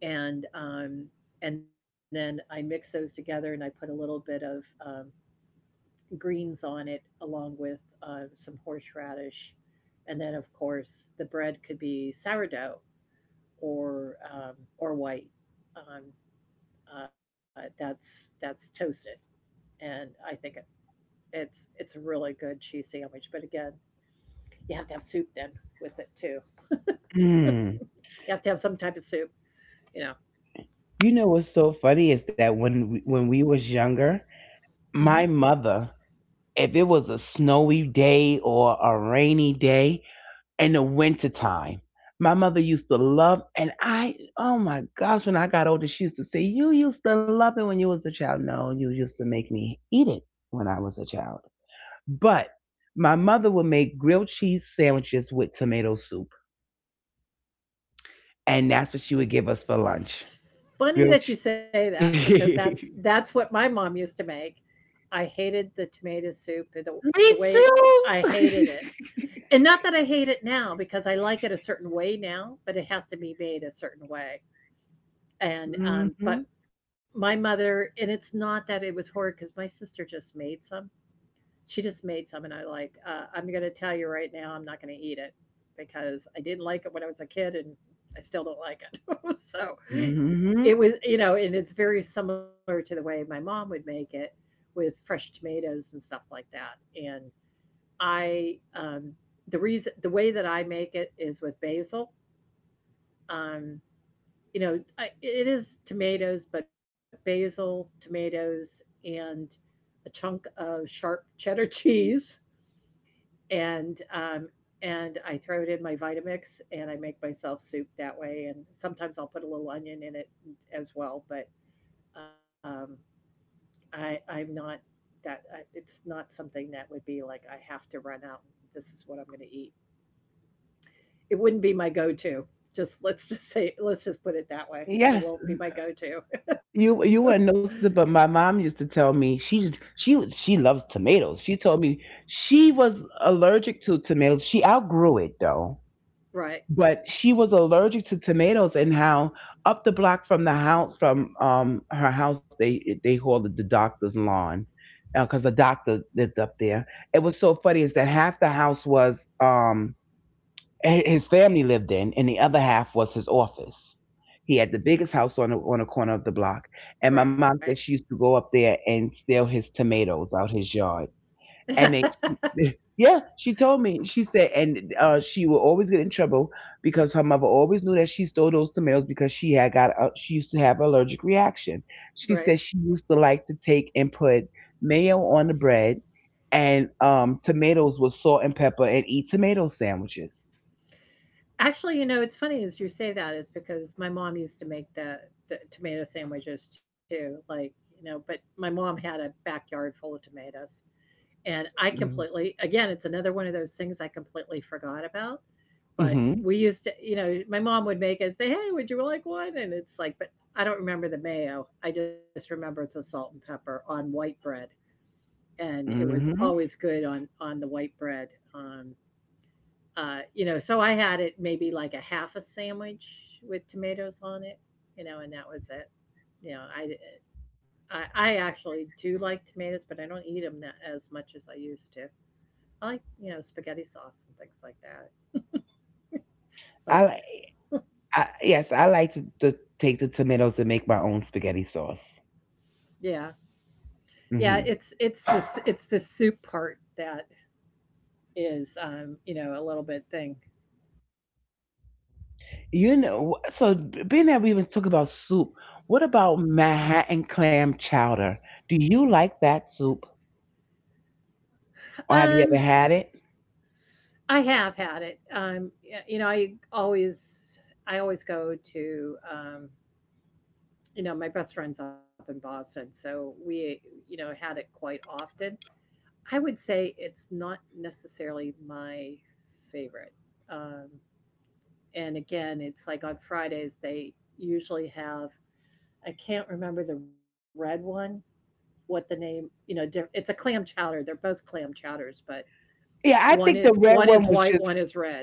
And um, and then I mix those together, and I put a little bit of greens on it along with some horseradish, and then of course the bread could be sourdough or white. Um, that's toasted, and I think it's a really good cheese sandwich. But again, you have to have soup then with it too. mm. You have to have some type of soup. You know. You know what's so funny is that when we was younger, Mhm. my mother, if it was a snowy day or a rainy day in the winter time, my mother used to love, and I, oh my gosh, when I got older, she used to say, "You used to love it when you was a child." No, you used to make me eat it when I was a child. But my mother would make grilled cheese sandwiches with tomato soup, and that's what she would give us for lunch. Funny Grilled that you say that because that's cheese. that's what my mom used to make. I hated the tomato soup and the Me the way I too. hated it, and not that I hate it now because I like it a certain way now, but it has to be made a certain way. And Mm but hmm. my mother, and it's not that it was horrid because my sister just made some. She just made some, and I like. I'm gonna tell you right now, I'm not gonna eat it because I didn't like it when I was a kid, and I still don't like it. So Mm hmm. it was, and it's very similar to the way my mom would make it with fresh tomatoes and stuff like that, and I the reason the way that I make it is with basil. Um, I, it is tomatoes, but basil, tomatoes, and a chunk of sharp cheddar cheese, and um, and I throw it in my Vitamix, and I make myself soup that way. And sometimes I'll put a little onion in it as well, but um, I'm not that I, it's not something that would be like I have to run out. This is what I'm going to eat. It wouldn't be my go-to. Just let's just say, let's just put it that way. It Yes, won't be my go-to. you wouldn't notice it, but my mom used to tell me she, she loves tomatoes. She told me she was allergic to tomatoes. She outgrew it though. Right. But she was allergic to tomatoes. And how up the block from the house, from her house, they called it the doctor's lawn because a doctor lived up there. It was so funny is that half the house was, his family lived in, and the other half was his office. He had the biggest house on the corner of the block, and my Right. mom said she used to go up there and steal his tomatoes out his yard. And then she yeah, she told me. She said, and, she would always get in trouble because her mother always knew that she stole those tomatoes because she had got a she used to have an allergic reaction. She Right. said she used to like to take and put mayo on the bread and, tomatoes with salt and pepper and eat tomato sandwiches. Actually, it's funny as you say that is because my mom used to make the tomato sandwiches too. Like, you know, but my mom had a backyard full of tomatoes. And I Mm. completely, again, it's another one of those things I completely forgot about. But Mhm. we used to, you know, my mom would make it and say, "Hey, would you like one?" And it's like, but I don't remember the mayo. I just remember it's a salt and pepper on white bread, and it was Mhm. always good on the white bread. Um, you know, so I had it maybe like a half a sandwich with tomatoes on it, you know, and that was it. You know, I I actually do like tomatoes, but I don't eat them as much as I used to. I like, you know, spaghetti sauce and things like that. I But li I, yes, I like to take the tomatoes and make my own spaghetti sauce. yeah. Yeah, it's Mhm. it's the soup part that is, you know, a little bit thing. You know, so being that we even talk about soup, what about Manhattan clam chowder? Do you like that soup? Or have Um, you ever had it? I have had it. You know, I always go to, you know, my best friend's up in Boston, so we, you know, had it quite often. I would say it's not necessarily my favorite. Um, and again, it's like on Fridays they usually have, I can't remember the red one, what the name, you know, it's a clam chowder. They're both clam chowders, but Yeah, one I it, think the one red is one was white, one just, is red.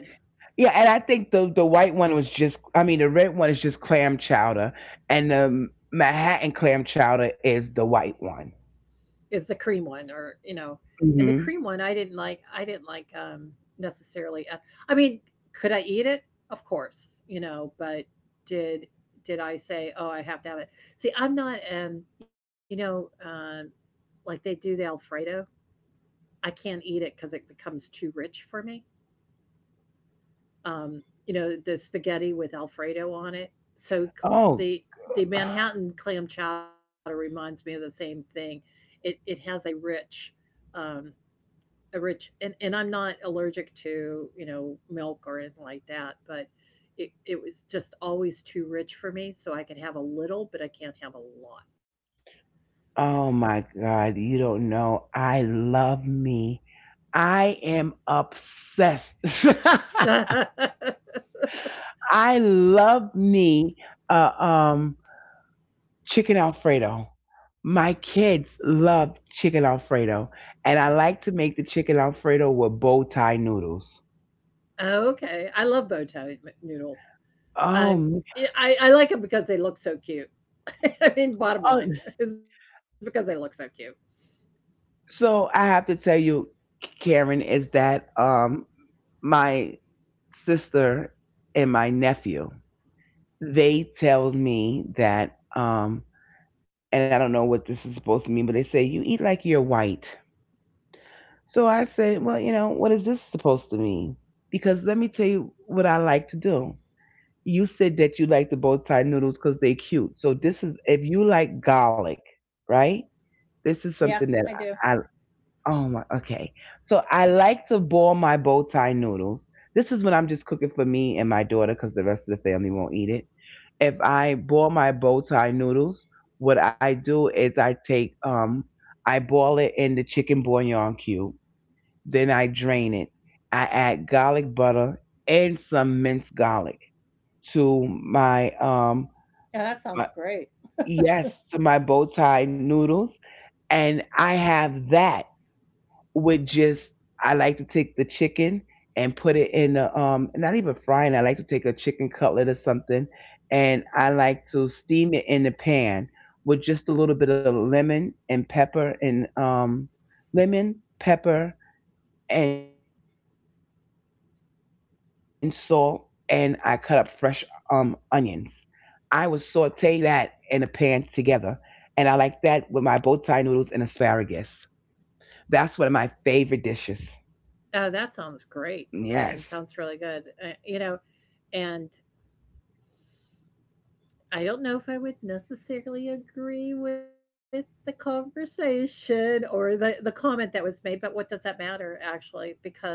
yeah, and I think the white one was just, I mean the red one is just clam chowder, and the Manhattan clam chowder is the white one. Is the cream one, or, you know, and the cream Hmm. one I didn't like, I didn't like, um, necessarily. I mean, could I eat it? Of course, you know, but did did I say, "Oh, I have to have it." See, I'm not, you know, um, like they do the alfredo. I can't eat it cuz it becomes too rich for me, you know, the spaghetti with Alfredo on it. So cl- Oh, the the Manhattan clam chowder reminds me of the same thing. It has um, a rich, and I'm not allergic to, you know, milk or anything like that, but it was just always too rich for me. So I could have a little, but I can't have a lot. oh my God, you don't know. I love me. I am obsessed. I love me, uh, um, chicken Alfredo. My kids love chicken Alfredo, and I like to make the chicken Alfredo with bow tie noodles. Okay, I love bow tie m- noodles. Oh, I'm m- I I like them because they look so cute. I mean, bottom oh, line is because they look so cute. so I have to tell you, Karen, is that, my sister and my nephew? They tell me that, and I don't know what this is supposed to mean, but they say you eat like you're white. So I said, well, you know, what is this supposed to mean? Because let me tell you what I like to do. You said that you like the bow tie noodles because they're cute. So this is if you like garlic, right? Yeah, This I is do. something that I oh my, okay. So I like to boil my bow tie noodles. This is when I'm just cooking for me and my daughter because the rest of the family won't eat it. If I boil my bow tie noodles, what I do is I take I boil it in the chicken bouillon cube, then I drain it. I add garlic butter and some minced garlic to Yeah, that sounds my, great. yes, to my bow tie noodles, and I have that with just I like to take the chicken and put it in the not even frying. I like to take a chicken cutlet or something, and I like to steam it in the pan with just a little bit of lemon and pepper and lemon pepper and salt, and I cut up fresh onions. I will saute that in the pan together, and I like that with my bow tie noodles and asparagus. That's one of my favorite dishes. Oh, that sounds great. Yes. I mean, sounds really good. You know, and I don't know if I would necessarily agree with the conversation or the comment that was made, but what does that matter actually? Because,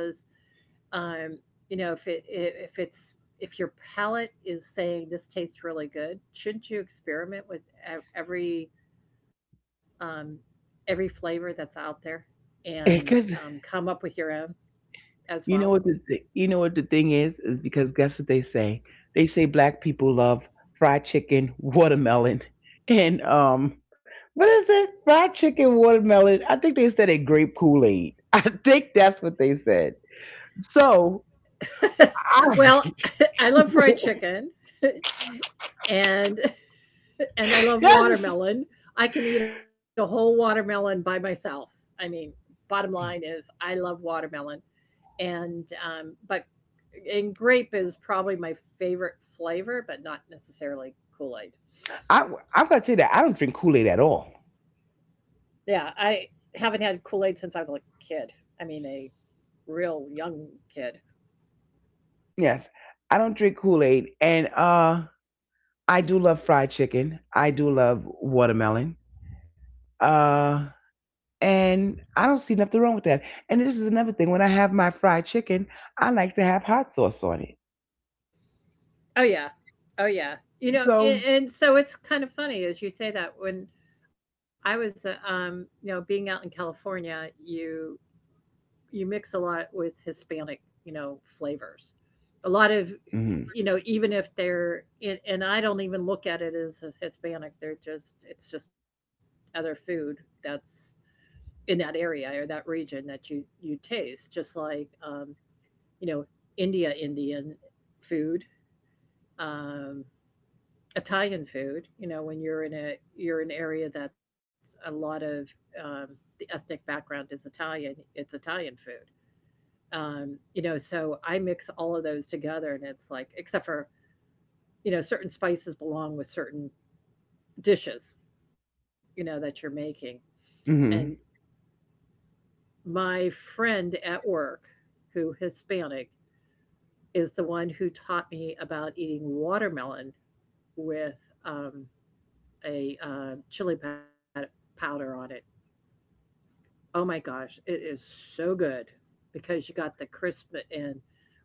um, you know, if it's, if your palate is saying this tastes really good, shouldn't you experiment with ev- every, um, every flavor that's out there and, Because. come up with your own as You well. know what the you know what the thing is because guess what they say? They say black people love fried chicken, watermelon, and what is it? Fried chicken, watermelon. I think they said a grape Kool Aid. I think that's what they said. So Well, I I love fried chicken and and I love yes, watermelon. I can eat a whole watermelon by myself. I mean, bottom line is I love watermelon, and but and grape is probably my favorite flavor, but not necessarily Kool Aid. I I've got to tell you that I don't drink Kool Aid at all. Yeah, I haven't had Kool Aid since I was a li- kid. I mean, a real young kid. Yes, I don't drink Kool Aid, and I do love fried chicken. I do love watermelon. uh. And I don't see nothing wrong with that. And this is another thing. When I have my fried chicken, I like to have hot sauce on it. Oh yeah. Oh yeah. You know, So, a- and so it's kind of funny as you say that when I was you know, being out in California, you mix a lot with Hispanic, you know, flavors. A lot of, hmm you know, even if they're, and I don't even look at it as a Hispanic, they're just, it's just other food that's in that area or that region that you taste just like, you know, India Indian food. Um, Italian food, you know, when you're in a, you're an area that's a lot of, um, the ethnic background is Italian, it's Italian food. You know, so I mix all of those together and it's like, except for, you know, certain spices belong with certain dishes, you know, that you're making. And hmm my friend at work, who Hispanic, is the one who taught me about eating watermelon with, um, a, powder on it. Oh my gosh, it is so good because you got the crisp and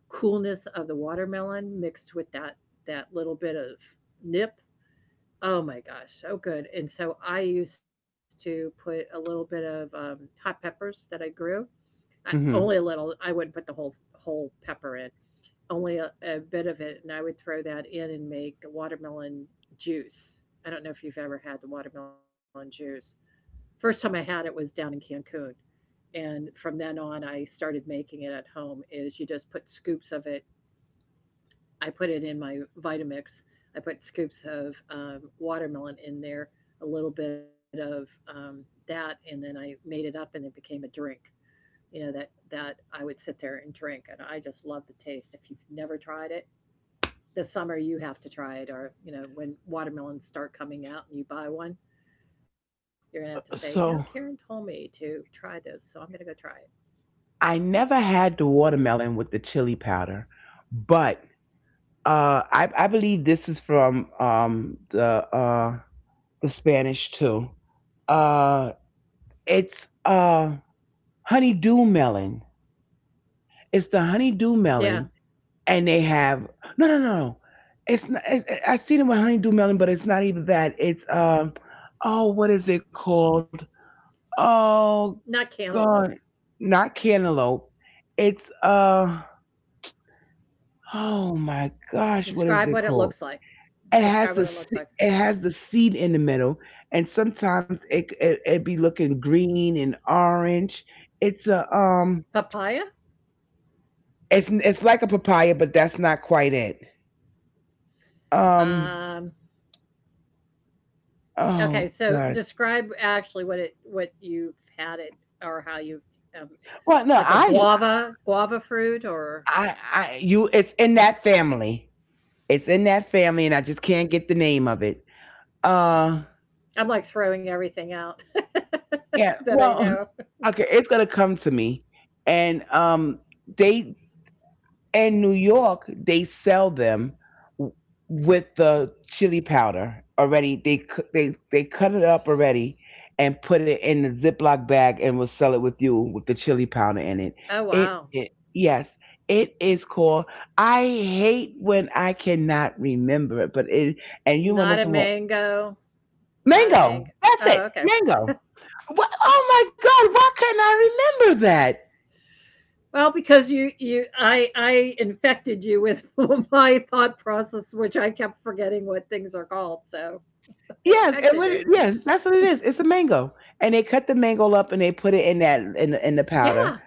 coolness of the watermelon mixed with that, that little bit of nip. Oh my gosh, so good. And so I used to put a little bit of, hot peppers that I grew, I, only a hmm little. I wouldn't put the whole pepper in, only a bit of it, and I would throw that in and make watermelon juice. I don't know if you've ever had the watermelon juice. First time I had it was down in Cancun, and from then on I started making it at home is you just put scoops of it, I put it in my Vitamix, I put scoops of, watermelon in there, a little bit of, that, and then I made it up and it became a drink, you know, that I would sit there and drink, and I just love the taste. If you've never tried it, this summer you have to try it, or, you know, when watermelons start coming out and you buy one, you're gonna have to say, you know, Karen so told me to try this, so I'm gonna go try it. I never had the watermelon with the chili powder, but I believe this is from the Spanish too. Uh, it's honeydew melon. It's the honeydew melon, Yeah, and they have no, no, no. It's not. I seen it with honeydew melon, but it's not even that. It's oh, what is it called? Oh not cantaloupe. God, not cantaloupe. It's oh my gosh, what is Describe it what it called? looks like. It has Describe the what it looks like. it has the seed in the middle, and sometimes it be looking green and orange. It's a Papaya. it's like a papaya, but that's not quite it. Um, Um, okay, oh so God. describe actually what it, what you've had it, or how you, um, Well, no, like a guava, guava fruit or, I, you, it's in that family. It's in that family, and I just can't get the name of it. Uh, I'm like throwing everything out yeah. that I Well, know. okay, it's gonna come to me, and they in New York, they sell them w- with the chili powder already. They they cut it up already and put it in the Ziploc bag and will sell it with you with the chili powder in it. Oh It, wow, it yes, it is called. I hate when I cannot remember it, but it and you want to not know a some more mango, not a mango. mango. That's it, Oh okay. mango. What? Oh my God! Why couldn't I remember that? Well, because you I infected you with my thought process, which I kept forgetting what things are called, so I Yes, and infected you. yeah, that's what it is. It's a mango, and they cut the mango up and they put it in that in in the powder, Yeah.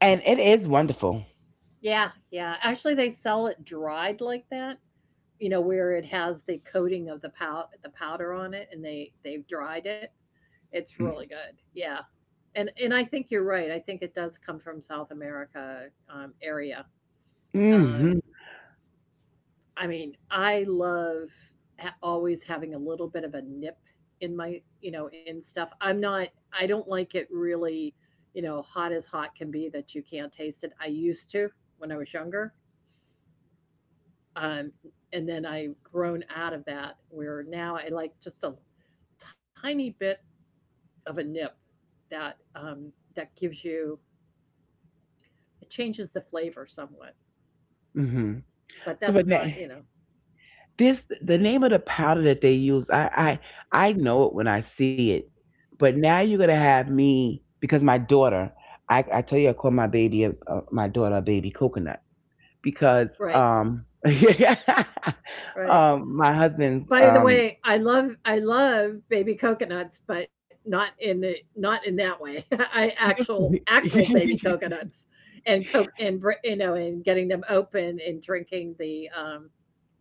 and it is wonderful. Yeah, yeah. Actually, they sell it dried like that, you know, where it has the coating of the powder on it, and they, they've dried it. It's really good. Yeah. And I think you're right. I think it does come from South America, area. Um, Mm-hmm. I mean, I love, ha- always having a little bit of a nip in my, you know, in stuff. I'm not, I don't like it really, you know, hot as hot can be that you can't taste it. I used to when I was younger. Um, and then I've grown out of that where now I like just a tiny bit of a nip that, that gives you, it changes the flavor somewhat. Mm-hmm. But So, that's but not, you know, this the name of the powder that they use. I know it when I see it, but now you're gonna have me because my daughter. I tell you, I call my baby a, my daughter a baby coconut because right, right. My husband's By the way, I love, I love baby coconuts, but not in the, not in that way. I actual, actual baby coconuts and coke and br- you know, and getting them open and drinking the, um,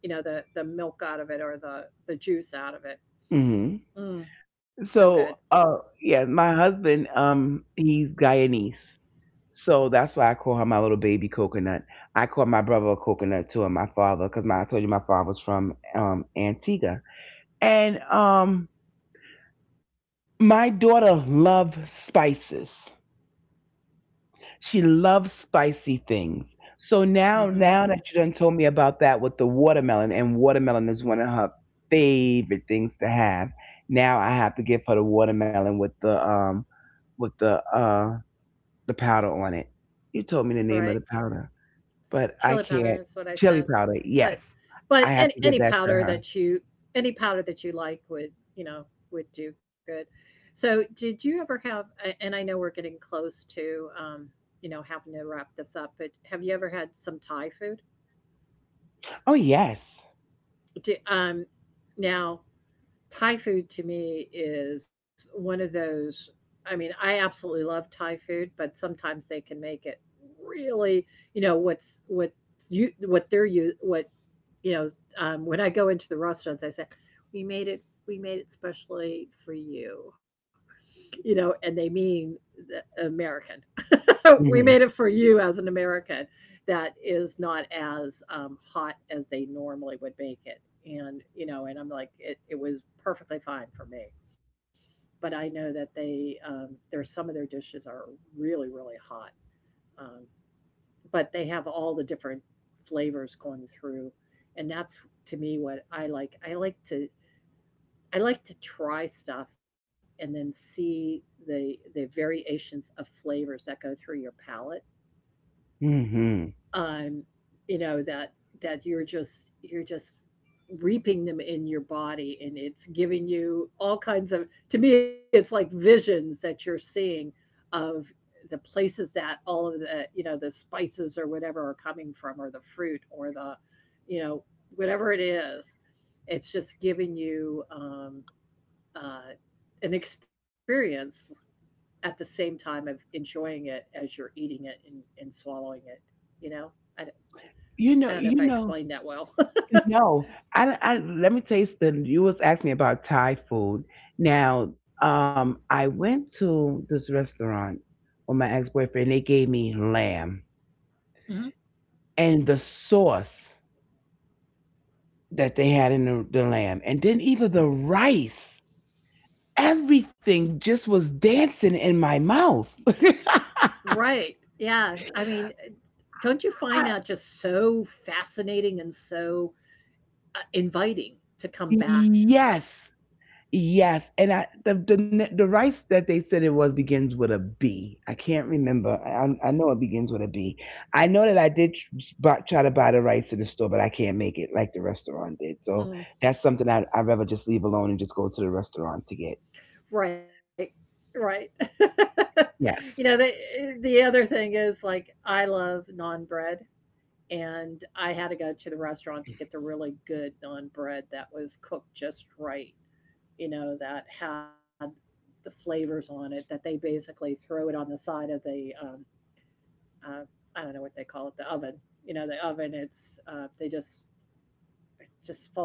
you know, the milk out of it, or the juice out of it. mhm. Mm, so good. So, yeah, my husband, he's Guyanese. So that's why I call her my little baby coconut. I call my brother a coconut too, and my father, because my I told you my father's from Antigua. And my daughter loves spices. She loves spicy things. So now, Mhm, now that you done told me about that with the watermelon, and watermelon is one of her favorite things to have. Now I have to give her the watermelon with the powder on it. You told right. me the name of the powder, Chili but powder I is what I can't. said. Chili powder, But yes. but any I any have to give powder that to that her. you, any powder that you like would, you know, would do good. So did you ever have a-, and I know we're getting close to, you know, having to wrap this up, but have you ever had some Thai food? Oh yes. Do, now Thai food to me is one of those, I mean, I absolutely love Thai food, but sometimes they can make it really, you know, what's what you, what they're, you what, you know, when I go into the restaurants, I say, we made it specially for you," you know, and they mean the American. We made it Mhm. for you as an American that is not as, hot as they normally would make it. And, you know, and I'm like, it was perfectly fine for me. But I know that they, there's some of their dishes are really, really hot. Um, but they have all the different flavors going through. And that's to me what I like. I like to try stuff and then see the variations of flavors that go through your palate, Mhm. um, you know, that you're just, you're just reaping them in your body, and it's giving you all kinds of, to me it's like visions that you're seeing of the places that all of the, you know, the spices or whatever are coming from, or the fruit or the, you know, whatever it is. It's just giving you, uh, an experience at the same time of enjoying it as you're eating it, and swallowing it, you know, I, You I know, don't know if you I know. explained that well. No, I let me tell you something. You was asking me about Thai food. Now, I went to this restaurant with my ex boyfriend. They gave me lamb Mhm. and the sauce that they had in the lamb, and then even the rice. Everything just was dancing in my mouth. Right. Yeah. I mean, don't you I, find that just so fascinating and so, inviting to come back? yes, yes. And the rice that they said it was begins with a B. I can't remember. I know it begins with a B. I know that I did try to buy the rice at the store, but I can't make it like the restaurant did. So that's Mm. something I rather just leave alone and just go to the restaurant to get. Right. Right. Yes, You know, the other thing is like I love non bread, and I had to go to the restaurant to get the really good non bread that was cooked just right, you know, that had the flavors on it that they basically throw it on the side of the, uh, I don't know what they call it, the oven. You know, the oven. It's they just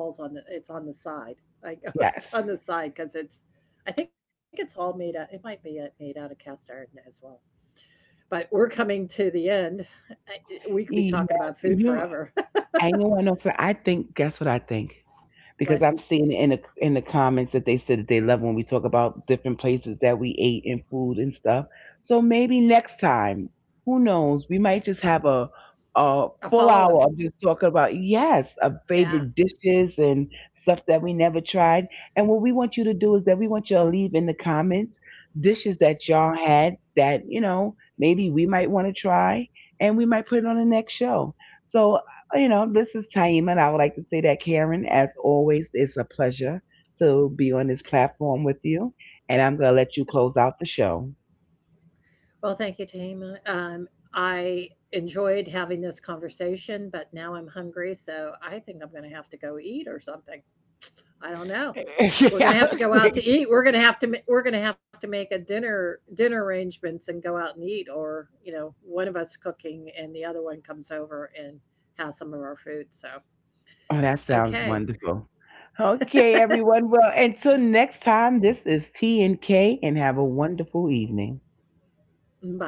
just falls on the. It's on the side. Like yes, it's on the side because it's. I think it's all made out. It might be, made out of cast iron as well. But we're coming to the end. I- We yes. could be talking about You food forever. and you know, so I think. Guess what I think? Because I'm But seeing in the comments that they said that they love when we talk about different places that we ate and food and stuff. So maybe next time, who knows? We might just have a full a hour follow of up. just talking about yes, of favorite Yeah. dishes and stuff that we never tried. And what we want you to do is that we want you to leave in the comments dishes that y'all had that you know maybe we might want to try, and we might put it on the next show. So you know, this is Taima, and I would like to say that, Karen, as always, it's a pleasure to be on this platform with you. And I'm going to let you close out the show. Well, thank you, Tama. I enjoyed having this conversation, but now I'm hungry, so I think I'm going to have to go eat or something. I don't know. We're Yeah, gonna have to go out okay. to eat. We're gonna have to, we're gonna have to make a dinner arrangements and go out and eat, or you know, one of us cooking and the other one comes over and has some of our food. So Oh, that sounds okay, wonderful. Okay, everyone. Well, until next time, this is T&K, and have a wonderful evening. bye.